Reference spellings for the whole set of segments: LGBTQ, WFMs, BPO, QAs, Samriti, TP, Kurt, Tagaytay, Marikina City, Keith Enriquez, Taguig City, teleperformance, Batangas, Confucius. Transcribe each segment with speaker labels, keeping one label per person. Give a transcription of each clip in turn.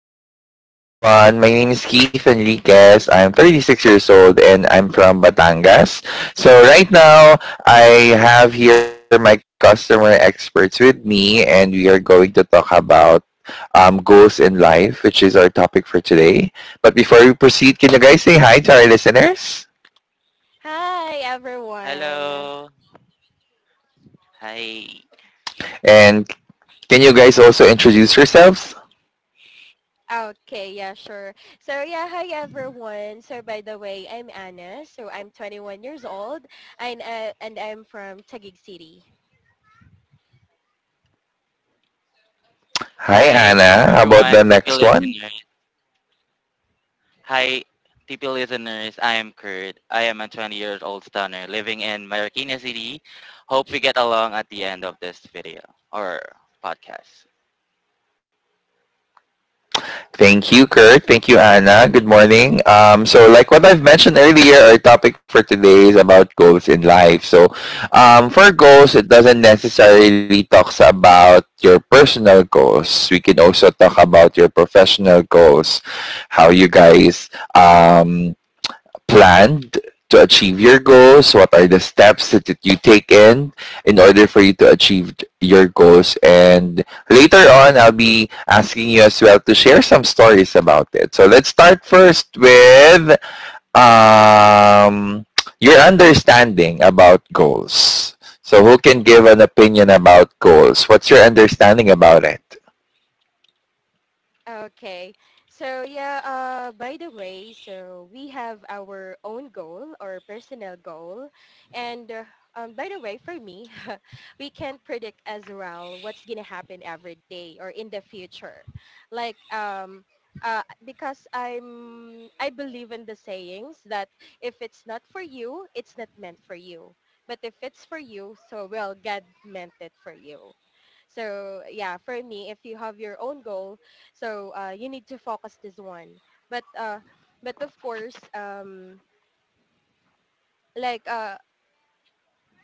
Speaker 1: Hello, good morning everyone. My name is Keith Enriquez. I'm 36 years old and I'm from Batangas. So right now, I have here my customer experts with me and we are going to talk about goals in life, which is our topic for today. But before we proceed, can you guys say hi to our listeners?
Speaker 2: Hi everyone.
Speaker 3: Hello. Hi.
Speaker 1: And can you guys also introduce yourselves?
Speaker 2: Okay, yeah, sure. Hi everyone. So by the way, I'm Anna. So I'm 21 years old and I'm from Taguig City.
Speaker 1: Hi,
Speaker 3: Hi,
Speaker 1: Anna. How about the
Speaker 3: everyone,
Speaker 1: next
Speaker 3: TP
Speaker 1: one?
Speaker 3: listeners. Hi, TP listeners. I am Kurt. I am a 20 years old stunner living in Marikina City. Hope we get along at the end of this video or podcast.
Speaker 1: Thank you, Kurt. Thank you, Anna. Good morning. So, like what I've mentioned earlier, our topic for today is about goals in life. So, for goals, it doesn't necessarily talks about your personal goals. We can also talk about your professional goals. How you guys um, planned to achieve your goals? What are the steps that you take in order for you to achieve your goals? And later on, I'll be asking you as well to share some stories about it. So let's start first with um, your understanding about goals. So who can give an opinion about goals? What's your understanding about it?
Speaker 2: Okay. So yeah, by the way, so we have our own goal or personal goal. And By the way, for me, we can't predict as well what's going to happen every day or in the future. Like um because I believe in the sayings that if it's not for you, it's not meant for you. But if it's for you, so well God meant it for you. So yeah, for me, if you have your own goal, so you need to focus this one. But uh, but of course, like uh,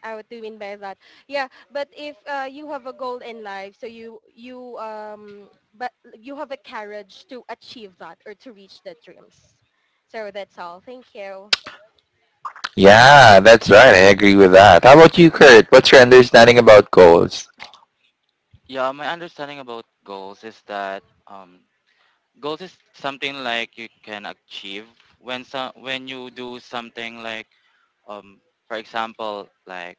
Speaker 2: I what do you mean by that? Yeah, but if you have a goal in life, so you but you have a courage to achieve that or to reach the dreams. So that's all. Thank you.
Speaker 1: Yeah, that's right. I agree with that. How about you, Kurt? What's your understanding about goals?
Speaker 3: Yeah, my understanding about goals is that goals is something like you can achieve when you do something like, um, for example, like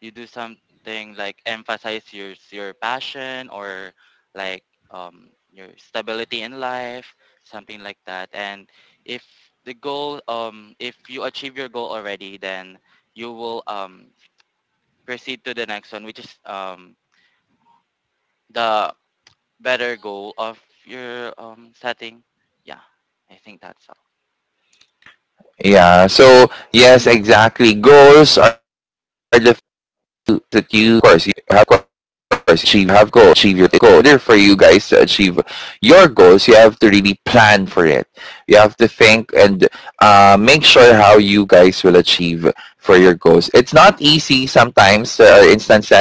Speaker 3: you do something like emphasize your passion or like, your stability in life, something like that. And if if you achieve your goal already, then you will, proceed to the next one, which is, the better goal of your, setting. Yeah, I think that's all.
Speaker 1: Yeah. So, yes, exactly. Goals are the that you, of course, you have of course achieve have goals achieve your goal in order for you guys to achieve your goals. You have to really plan for it. You have to think, and make sure how you guys will achieve for your goals. It's not easy. Sometimes there are instances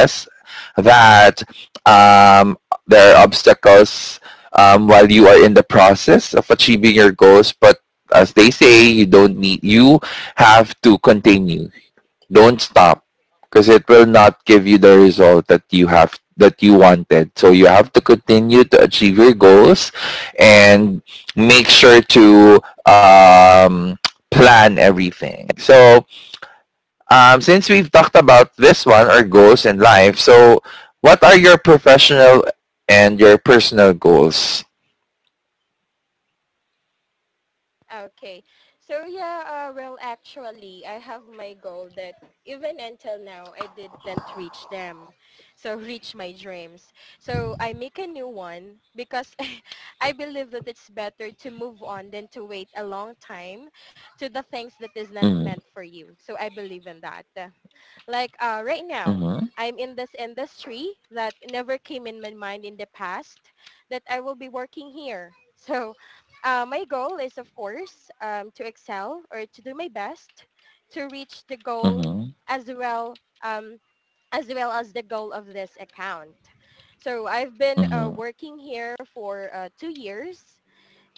Speaker 1: that, um, there are obstacles while you are in the process of achieving your goals, but as they say, you don't need, you have to continue. Don't stop, because it will not give you the result that you have that you wanted. So you have to continue to achieve your goals, and make sure to plan everything. So, since we've talked about this one, our goals in life, so what are your professional and your personal goals?
Speaker 2: Okay. So yeah, well, actually, I have my goal that even until now, I didn't reach them. So reach my dreams. So I make a new one because I believe that it's better to move on than to wait a long time to the things that is not meant
Speaker 1: Mhm.
Speaker 2: for you. So I believe in that. Like right now,
Speaker 1: Mhm.
Speaker 2: I'm in this industry that never came in my mind in the past that I will be working here. So my goal is, of course, to excel or to do my best to reach the goal
Speaker 1: Mhm.
Speaker 2: as well um, as well as the goal of this account. So I've been
Speaker 1: Mhm.
Speaker 2: working here for 2 years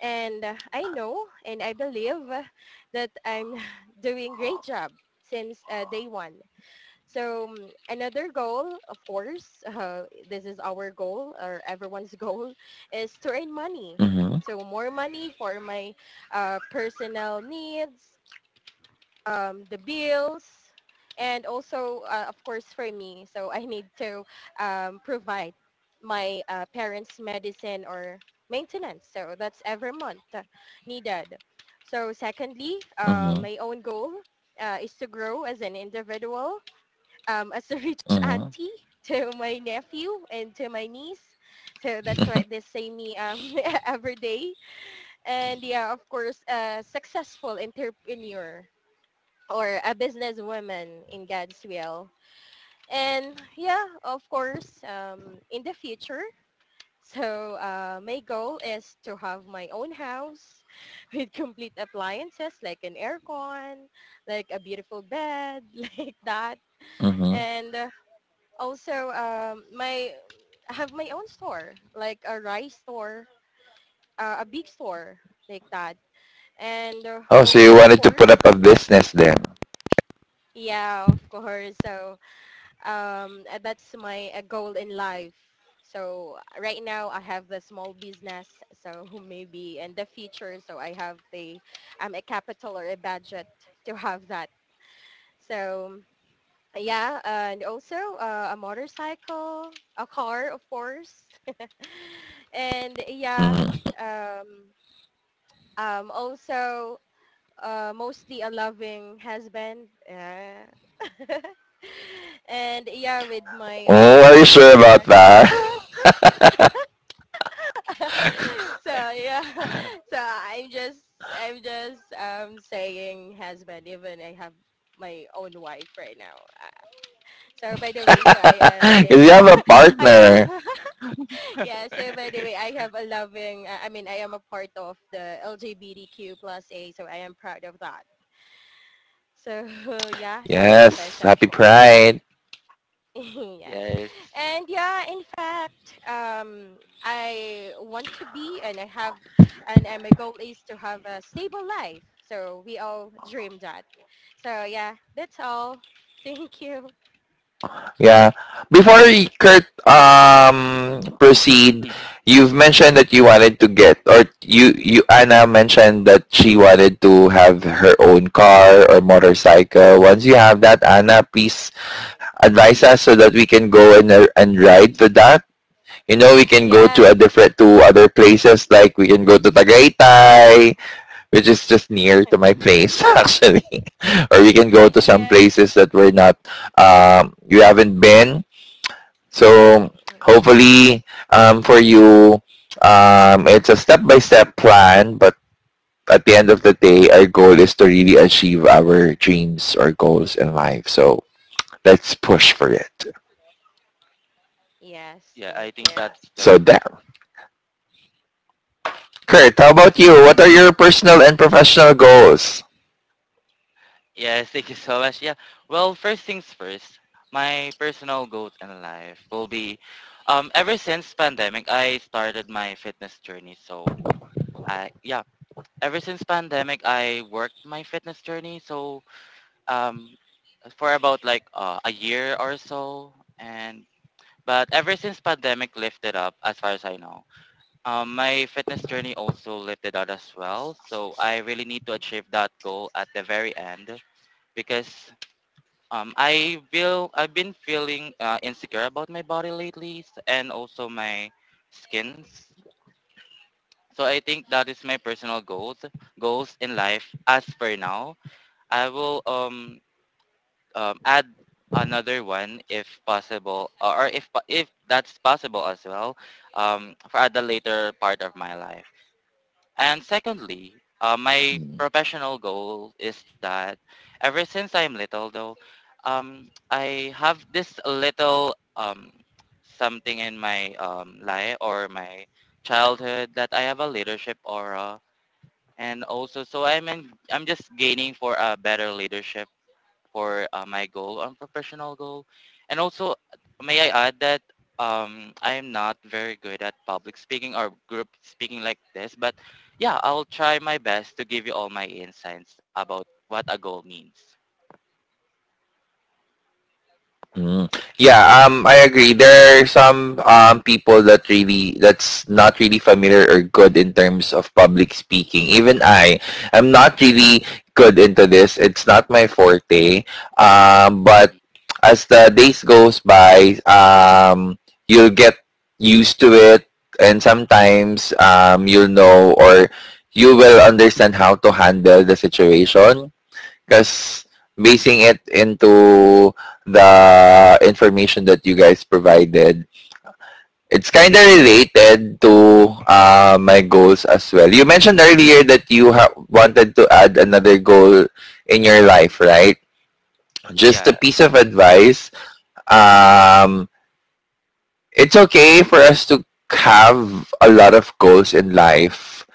Speaker 2: and I know and I believe that I'm doing a great job since day one. So another goal, of course, this is our goal or everyone's goal, is to earn money.
Speaker 1: Mhm.
Speaker 2: So more money for my personal needs, the bills, and also, of course, for me. So I need to provide my parents' medicine or maintenance. So that's every month needed. So secondly,
Speaker 1: Mhm.
Speaker 2: my own goal is to grow as an individual as a rich
Speaker 1: Mhm.
Speaker 2: auntie to my nephew and to my niece. So that's why they say me every day. And yeah, of course, a successful entrepreneur or a businesswoman in God's will. And yeah, of course, in the future, so my goal is to have my own house with complete appliances like an aircon, like a beautiful bed, like that.
Speaker 1: Mhm.
Speaker 2: And also my I have my own store like a rice store, a big store like that, and
Speaker 1: Oh, so you
Speaker 2: also of
Speaker 1: wanted to put up
Speaker 2: course.
Speaker 1: a business then?
Speaker 2: Yeah, of course. So that's my goal in life. So right now I have the small business, so maybe in the future so I have the a capital or a budget to have that. So yeah, and also a motorcycle, a car, of course. And yeah,
Speaker 1: Mhm.
Speaker 2: um, also mostly a loving husband. Yeah. And yeah, with my
Speaker 1: Oh, are you
Speaker 2: precious
Speaker 1: sure about
Speaker 2: dogs.
Speaker 1: that?
Speaker 2: So yeah, so I'm just I'm just saying husband, even I have my own wife right now. Uh, So by the way, so I am
Speaker 1: Because you
Speaker 2: the
Speaker 1: have a
Speaker 2: I am
Speaker 1: partner.
Speaker 2: yeah, so by the way, I have a loving, I mean, I am a part of the LGBTQ plus A, so I am proud of that. So yeah, so I am a
Speaker 1: Yes, happy
Speaker 2: bisexual.
Speaker 1: Pride.
Speaker 2: Yes.
Speaker 3: Yes.
Speaker 2: And yeah, in fact, I want to be and I have, and my goal is to have a stable life. So we all dream that. So yeah, that's all. Thank you.
Speaker 1: Yeah. Before Kurt proceed,
Speaker 3: Mm.
Speaker 1: you've mentioned that you wanted to get, or you Anna mentioned that she wanted to have her own car or motorcycle. Once you have that, Anna, please advise us so that we can go and ride with that. You know, we can go
Speaker 2: Yes.
Speaker 1: to a different to other places, like we can go to Tagaytay, which is just near to my place, actually. Or we can go to some
Speaker 2: Yes.
Speaker 1: places that we're not, you haven't been. So hopefully, for you, it's a step by step plan, but at the end of the day, our goal is to really achieve our dreams or goals in life, so let's push for it.
Speaker 2: Yes.
Speaker 3: Yeah, I
Speaker 2: Thank
Speaker 3: think
Speaker 2: you.
Speaker 3: that's the—
Speaker 1: So there. Kurt, how about you? What are your personal and professional goals?
Speaker 3: Yes, thank you so much. Yeah. Well, first things first, my personal goal in life will be, ever since pandemic I started my fitness journey. So I yeah, ever since pandemic I worked my fitness journey. So um for about like, a year or so, and but ever since pandemic lifted up as far as I know, my fitness journey also lifted out as well. So I really need to achieve that goal at the very end because, I will. I've been feeling, insecure about my body lately, and also my skins. So I think that is my personal goals in life. As for now, I will, add another one if possible, or if that's possible as well, for at the later part of my life. And secondly, my
Speaker 1: Mm.
Speaker 3: professional goal is that ever since I'm little, though, I have this little, something in my, life or my childhood that I have a leadership aura, and also so I'm just gaining for a better leadership for, my goal, professional goal. And also, may I add that, I am not very good at public speaking or group speaking like this, but yeah, I'll try my best to give you all my insights about what a goal means.
Speaker 1: Mm. Yeah, I agree. There are some people that really, that's not really familiar or good in terms of public speaking. Even I'm not really good into this. It's not my forte. But
Speaker 3: Mhm.
Speaker 1: as the days goes by, you'll get used to it, and sometimes you'll know, or you will understand how to handle the situation, because basing it into the information that you guys provided, it's kind of related to my goals as well. You mentioned earlier that you wanted to add another goal in your life, right? Just
Speaker 3: Yeah.
Speaker 1: a piece of advice. Um, it's okay for us to have a lot of goals in life,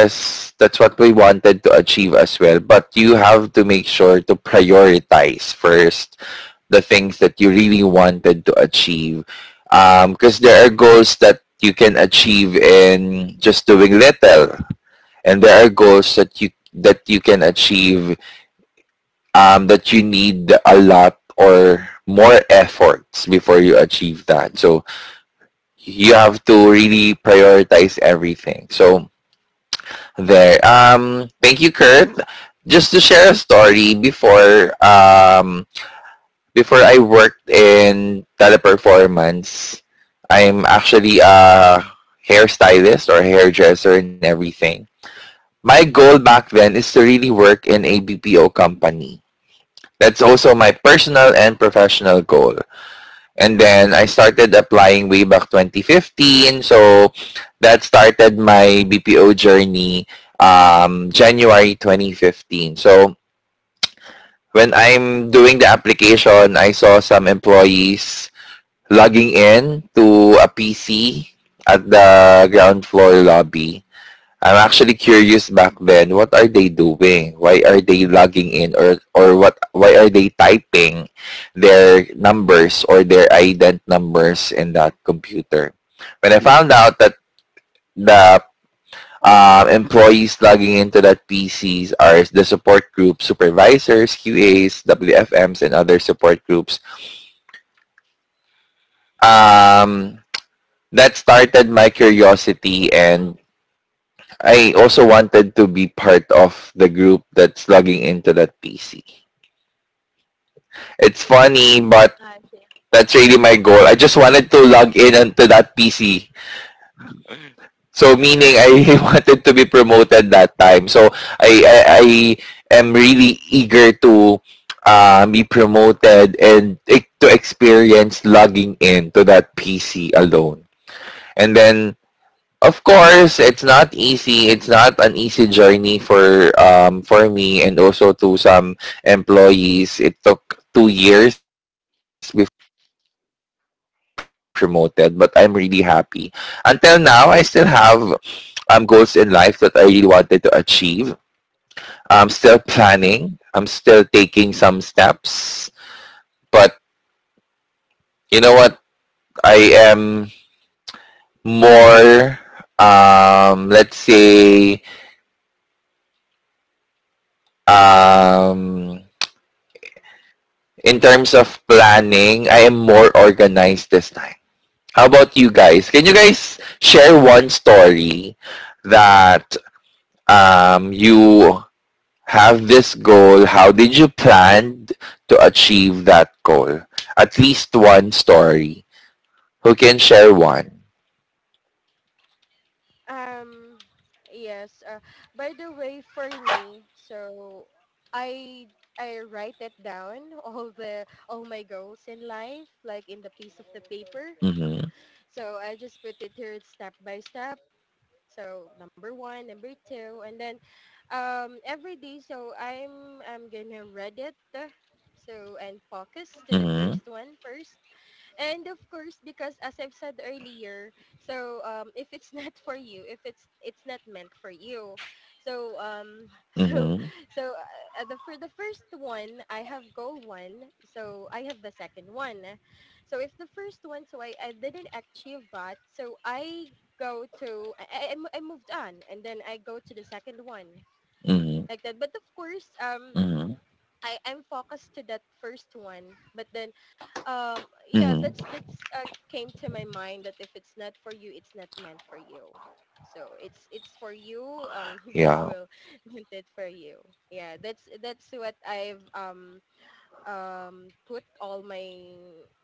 Speaker 3: Mm.
Speaker 1: that's what we wanted to achieve as well. But you have to make sure to prioritize first the things that you really wanted to achieve. Because there are goals that you can achieve in just doing little, and there are goals that you can achieve, that you need a lot or more efforts before you achieve that. So you
Speaker 3: Yeah.
Speaker 1: have to really prioritize everything. So there. Thank you, Kurt. Just to share a story, before I worked in Teleperformance, I'm actually a hairstylist or hairdresser and everything. My goal back then is to really work in a BPO company. That's also my personal and professional goal. And then I started applying way back 2015. So that started my BPO journey January 2015. So when I'm doing the application, I saw some employees logging in to a PC at the ground floor lobby. I'm actually curious back then, what are they doing? Why are they logging in, or what why are they typing their numbers or their ident numbers in that computer? When I found out that
Speaker 3: Mhm.
Speaker 1: the employees logging into that PCs are the support group supervisors, QAs, WFMs, and other support groups. Um, that started my curiosity, and I also wanted to be part of the group that's logging into that PC. It's funny, but
Speaker 2: Uh,
Speaker 1: that's really
Speaker 2: yeah.
Speaker 1: my goal. I just wanted to log in onto that PC. So meaning I wanted to be promoted that time. So I am really eager to be promoted, and to experience logging in to that PC alone. And then, of course, it's not easy. It's not an easy journey for for me, and also to some employees. It took 2 years before promoted, but I'm really happy. Until now, I still have goals in life that I really wanted to achieve. I'm still planning. I'm still taking some steps, but you know what? I am more, let's say, um in terms of planning, I am more organized this time. How about you guys? Can you guys share one story that, you have this goal? How did you plan to achieve that goal? At least one story. Who can share one?
Speaker 2: Um, yes. By the way, for me, so I I write it down all my goals in life, like in the piece of the paper.
Speaker 1: Mm-hmm.
Speaker 2: So I just put it here step by step. So number one, number two, and then every day. So I'm gonna read it. So and focus to the
Speaker 1: Mm-hmm.
Speaker 2: first one first, and of course because as I've said earlier, so if it's not for you, if it's it's not meant for you, so so
Speaker 1: Mm-hmm.
Speaker 2: so the for the first one I have goal one, so I have the second one. So if the first one, so I didn't achieve that, so I go to moved on and then I go to the second one
Speaker 1: Mm-hmm.
Speaker 2: like that. But of course
Speaker 1: Mm-hmm.
Speaker 2: I I'm focused to that first one, but then yeah
Speaker 1: Mm-hmm.
Speaker 2: that's came to my mind, that if it's not for you it's not meant for you, so it's for you. Um, get
Speaker 1: Yeah.
Speaker 2: well meant it for you. Yeah, that's what I've put all my,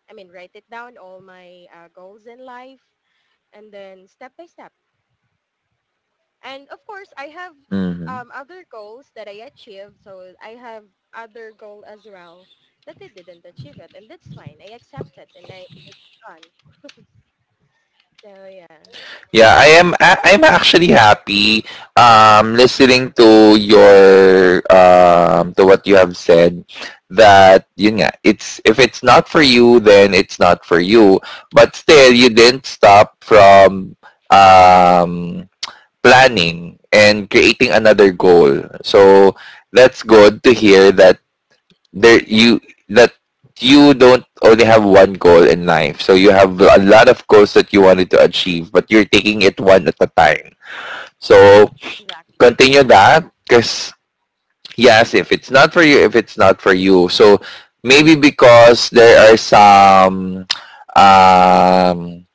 Speaker 2: I mean, write it down all my goals in life, and then step by step. And of course, I have
Speaker 1: Mm-hmm.
Speaker 2: other goals that I achieved. So I have other goal as well that I didn't achieve it. And that's fine. I accept it and I on. So yeah,
Speaker 1: Yeah, I am I'm actually happy, listening to your, to what you have said, that yun nga it's, if it's not for you then it's not for you, but still you didn't stop from um planning and creating another goal. So that's good to hear that there you, that you don't only have one goal in life. So you have a lot of goals that you wanted to achieve, but you're taking it one at a time. So
Speaker 2: exactly.
Speaker 1: continue that, because yes, if it's not for you, if it's not for you. So maybe, because um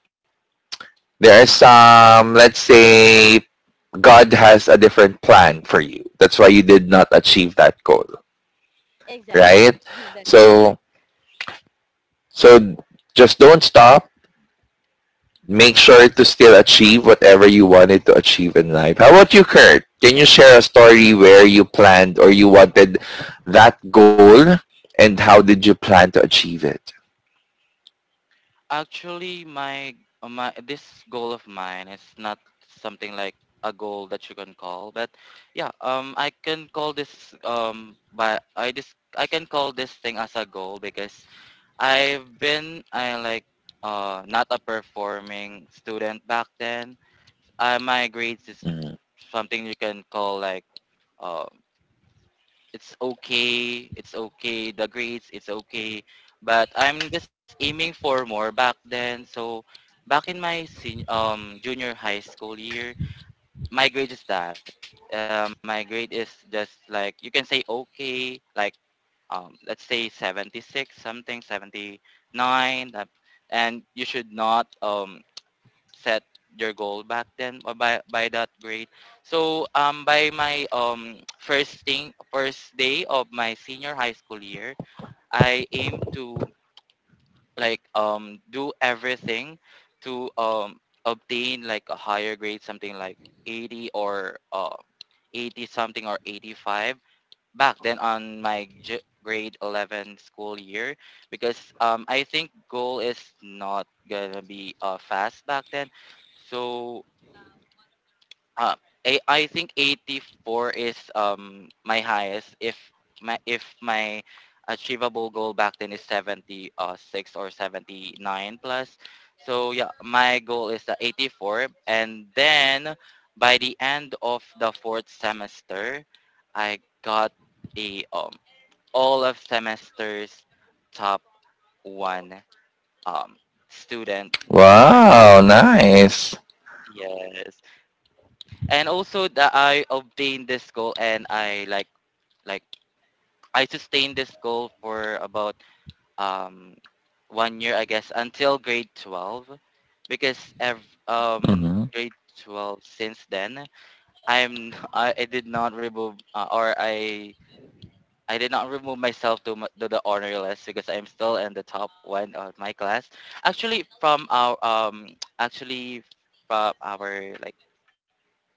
Speaker 1: there are some let's say, God has a different plan for you. That's why you did not achieve that goal,
Speaker 2: Exactly.
Speaker 1: right?
Speaker 2: That's correct.
Speaker 1: So so just don't stop, make sure to still achieve whatever you wanted to achieve in life. How about you, Kurt? Can you share a story where you planned or you wanted that goal, and how did you plan to achieve it?
Speaker 3: Actually, my this goal of mine is not something like a goal that you can call, but yeah, I can call this, but I can call this thing as a goal because I like, not a performing student back then. My grades is
Speaker 1: Mm.
Speaker 3: something you can call like, uh, it's okay, it's okay. The grades, it's okay. But I'm just aiming for more back then. So back in my junior high school year, my grade is that. My grade is just like you can say okay, like, let's say 76 something 79 that, and you should not, set your goal back then or by that grade. So by my first thing first day of my senior high school year, I aim to like, do everything to, obtain like a higher grade something like 80, or 80 something or 85 back then on my grade 11 school year, because, I think goal is not gonna be, fast back then. So, uh, I think 84 is, my highest if my achievable goal back then is 76 or 79 plus. So yeah, my goal is the 84. And then by the end of the fourth semester, I got a, all of semester's top one, student by my—
Speaker 1: Wow, nice.
Speaker 3: yes. And also that I obtained this goal, and I like I sustained this goal for about, um one year, I guess, until grade 12. Because
Speaker 1: Mm-hmm.
Speaker 3: grade 12 since then, I'm I did not remove, or I did not remove myself, to the honor list because I'm still in the top one of my class. Actually, from our, actually like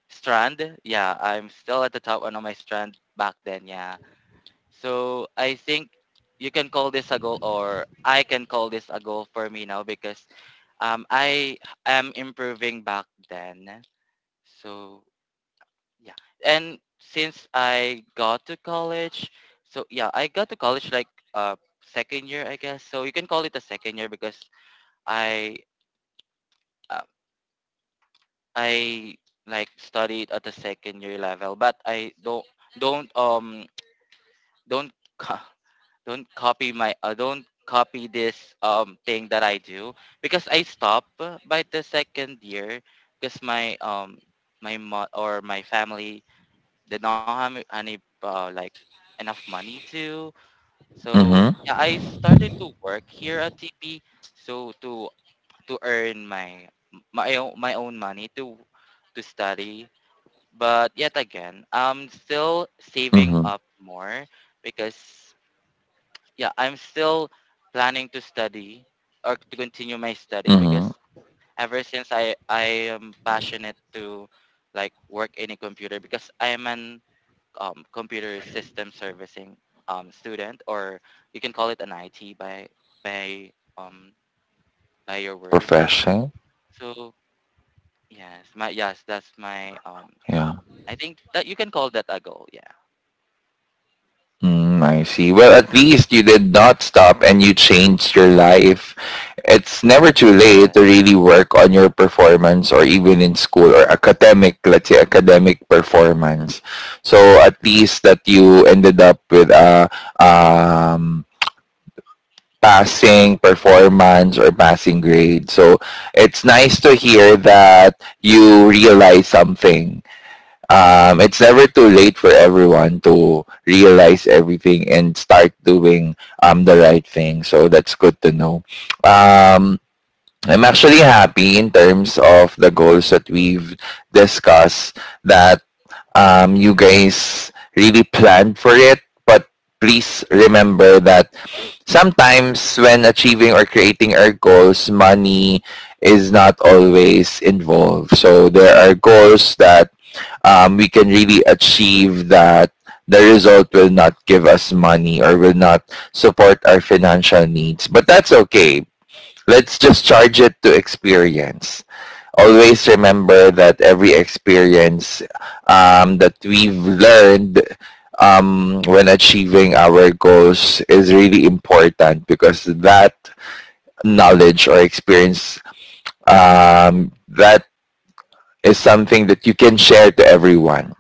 Speaker 3: strand, yeah, I'm still at the top one on my strand back then. Yeah, so I think you can call this a goal, or I can call this a goal for me now because, I am improving back then. So yeah. And since I got to college, so yeah, I got to college like, uh second year, I guess. So you can call it a second year because I uh, I like studied at the second year level, but I don't um don't co- don't copy this thing that I do. Because I stop by the second year because my my mo- or my family did not have any, like enough money to. So
Speaker 1: Mm-hmm.
Speaker 3: yeah, I started to work here at TP so to earn my own money to study. But yet again, I'm still saving
Speaker 1: Mm-hmm.
Speaker 3: up more because yeah, I'm still planning to study or to continue my study
Speaker 1: Mm-hmm.
Speaker 3: because ever since I am passionate to like work in a computer because I am an, computer system servicing, student, or you can call it an IT by um, by your word. Yeah.
Speaker 1: Profession.
Speaker 3: So yes, my yes, that's my.
Speaker 1: Yeah.
Speaker 3: I think that you can call that a goal. Yeah.
Speaker 1: Mm, I see. Well, at least you did not stop and you changed your life. It's never too late
Speaker 3: Yeah.
Speaker 1: to really work on your performance, or even in school or academic, let's say academic performance. So at least that you ended up with a um, passing performance or passing grade. So it's nice to hear that you realize something. It's never too late for everyone to realize everything and start doing the right thing. So that's good to know. Um, I'm actually happy in terms of the goals that we've discussed, that you guys really planned for it. But please remember that sometimes when achieving or creating our goals, money is not always involved. So there are goals that we can really achieve, that the result will not give us money or will not support our financial needs. But that's okay. Let's just charge it to experience. Always remember that every experience that we've learned, when achieving our goals, is really important, because that knowledge or experience that is something that you can share to everyone,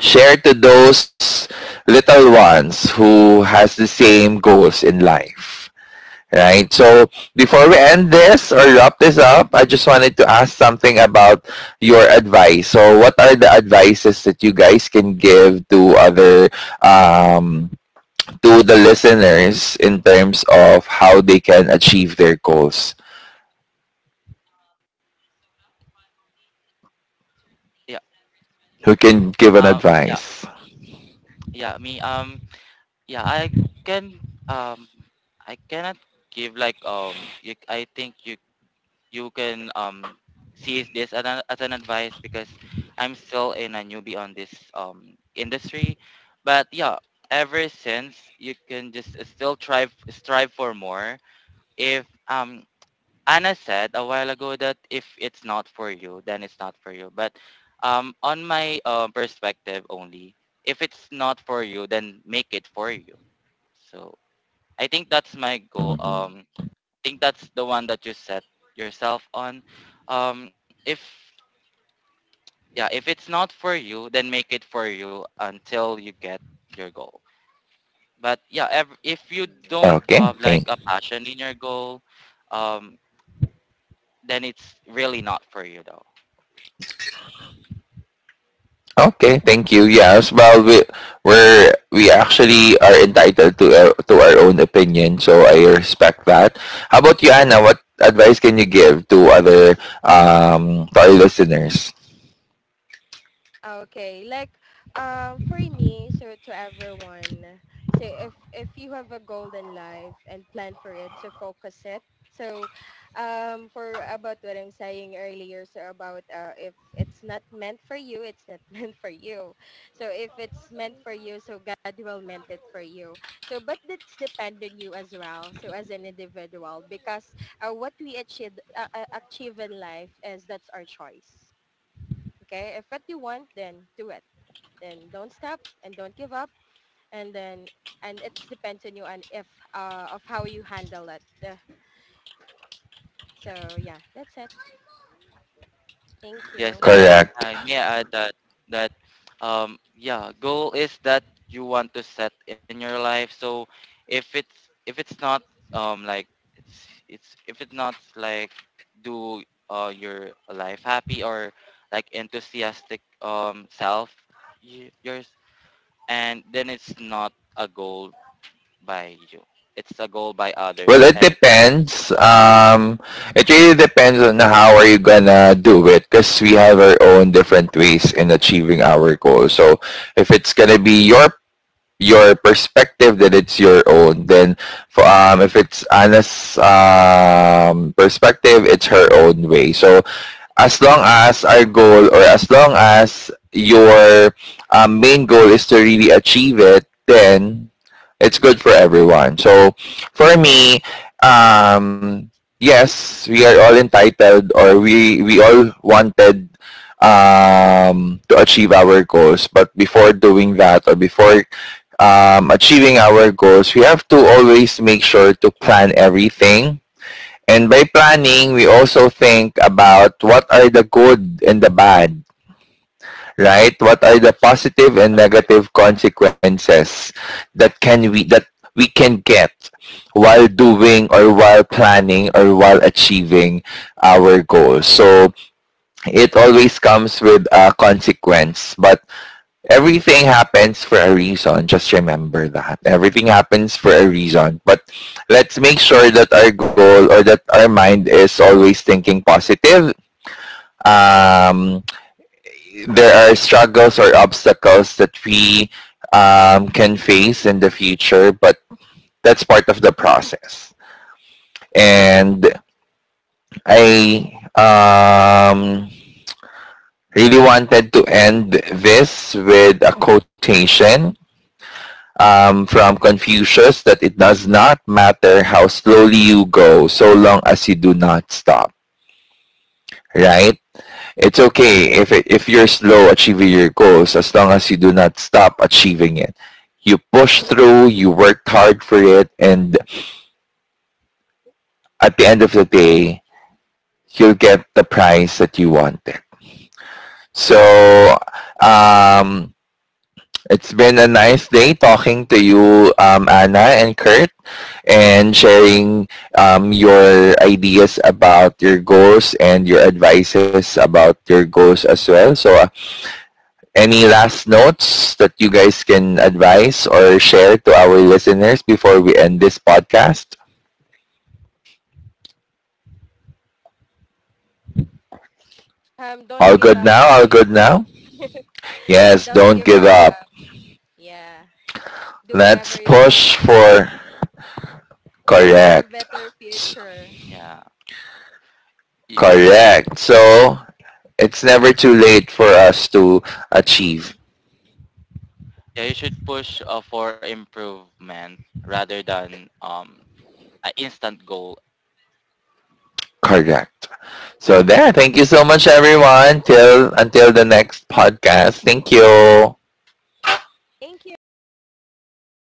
Speaker 1: share to those little ones who has the same goals in life, right? So before we end this or wrap this up, I just wanted to ask something about your advice. So what are the advices that you guys can give to other, um, to the listeners in terms of how they can achieve their goals?
Speaker 3: Yeah.
Speaker 1: Who can give an
Speaker 3: Yeah.
Speaker 1: advice?
Speaker 3: Yeah. Me. Yeah. I can. Um. I cannot give like. I think you can, see this as an advice because I'm still in a newbie on this, industry. But yeah, ever since, you can just still try strive for more. If Anna said a while ago that if it's not for you, then it's not for you. But on my, perspective only, if it's not for you, then make it for you. So I think that's my goal.
Speaker 1: Mhm.
Speaker 3: Think that's the one that you set yourself on. If yeah, if it's not for you, then make it for you until you get your goal. But yeah, if you don't
Speaker 1: okay
Speaker 3: have
Speaker 1: thank
Speaker 3: like a passion in your goal, um, then it's really not for you though.
Speaker 1: Okay, thank you. Yes, well, we actually are entitled to to our own opinion, so I respect that. How about you, Anna? What advice can you give to other, to our listeners?
Speaker 2: Okay, like for me, so to everyone, so if you have a golden life and plan for it, so focus it. So for about what I'm saying earlier, so about if it's not meant for you, it's not meant for you. So if it's meant for you, so God will meant it for you. So but it's depend on you as well, so as an individual, because what we achieve in life is that's our choice. Okay, if what you want, then do it. Then don't stop and don't give up. And then and it depends on you and if of how you handle it. So yeah, that's it. Thank
Speaker 3: Yes,
Speaker 2: you.
Speaker 3: I
Speaker 1: Correct.
Speaker 3: I may add that that yeah, goal is that you want to set in your life. So if it's not like it's if it's not like do, your life happy or like enthusiastic, self, yours, and then it's not a goal by you. It's a goal by
Speaker 1: Well,
Speaker 3: others
Speaker 1: it
Speaker 3: and it's set
Speaker 1: depends.
Speaker 3: by
Speaker 1: It really depends on how are you gonna do it, because we have our own different ways in achieving our goals.
Speaker 3: mm,
Speaker 1: So, if it's gonna be your perspective, then it's your own, then for, if it's Anna's perspective, it's her own way. So as long as our goal, or as long as your main goal, is to really achieve it, then it's good for everyone. So for me, um, yes, we are all entitled, or we all wanted to achieve our goals. But before doing that, or before achieving our goals, we have to always make sure to plan everything. And by planning, we also think about what are the good and the bad, right? What are the positive and
Speaker 3: the pros and
Speaker 1: negative
Speaker 3: cons.
Speaker 1: consequences that we can get while doing, or while planning, or while achieving our goals.
Speaker 3: The,
Speaker 1: So it always comes with a consequence, but everything happens for a reason. Just remember that. Everything happens for a reason. But let's make sure that our goal, or that our mind, is always thinking positive. Um, there are struggles or obstacles that we can face in the future, but that's part of the process. And I really wanted to end this with a quotation from Confucius, that it does not matter how slowly you go so long as you do not stop, right? It's okay if you're slow achieving your goals, as long as you do not stop achieving it. You push through, you worked hard for it, and at the end of the day, you'll get the prize that you wanted. So, um, it's been a nice day talking to you, Anna and Kurt, and sharing your ideas about your goals, and your advices about your goals as well. So, any last notes that you guys can advise or share to our listeners before we end this podcast?
Speaker 2: Don't
Speaker 1: All
Speaker 2: give
Speaker 1: good
Speaker 2: up,
Speaker 1: now? All good
Speaker 2: guys.
Speaker 1: now? Yes,
Speaker 2: Don't
Speaker 1: don't
Speaker 2: give
Speaker 1: give up.
Speaker 2: up. Yeah, do whatever
Speaker 1: Let's
Speaker 2: you want.
Speaker 1: push
Speaker 2: Do
Speaker 1: for
Speaker 2: do for a
Speaker 1: correct.
Speaker 2: better future.
Speaker 3: yeah. You,
Speaker 1: Correct. So, it's never too
Speaker 3: you
Speaker 1: late for us to achieve.
Speaker 3: Yeah, you should push, for improvement rather than, an instant goal.
Speaker 1: Correct. So there, thank you so much everyone. Till Until the next podcast. Thank you.
Speaker 2: Thank you. Bye bye.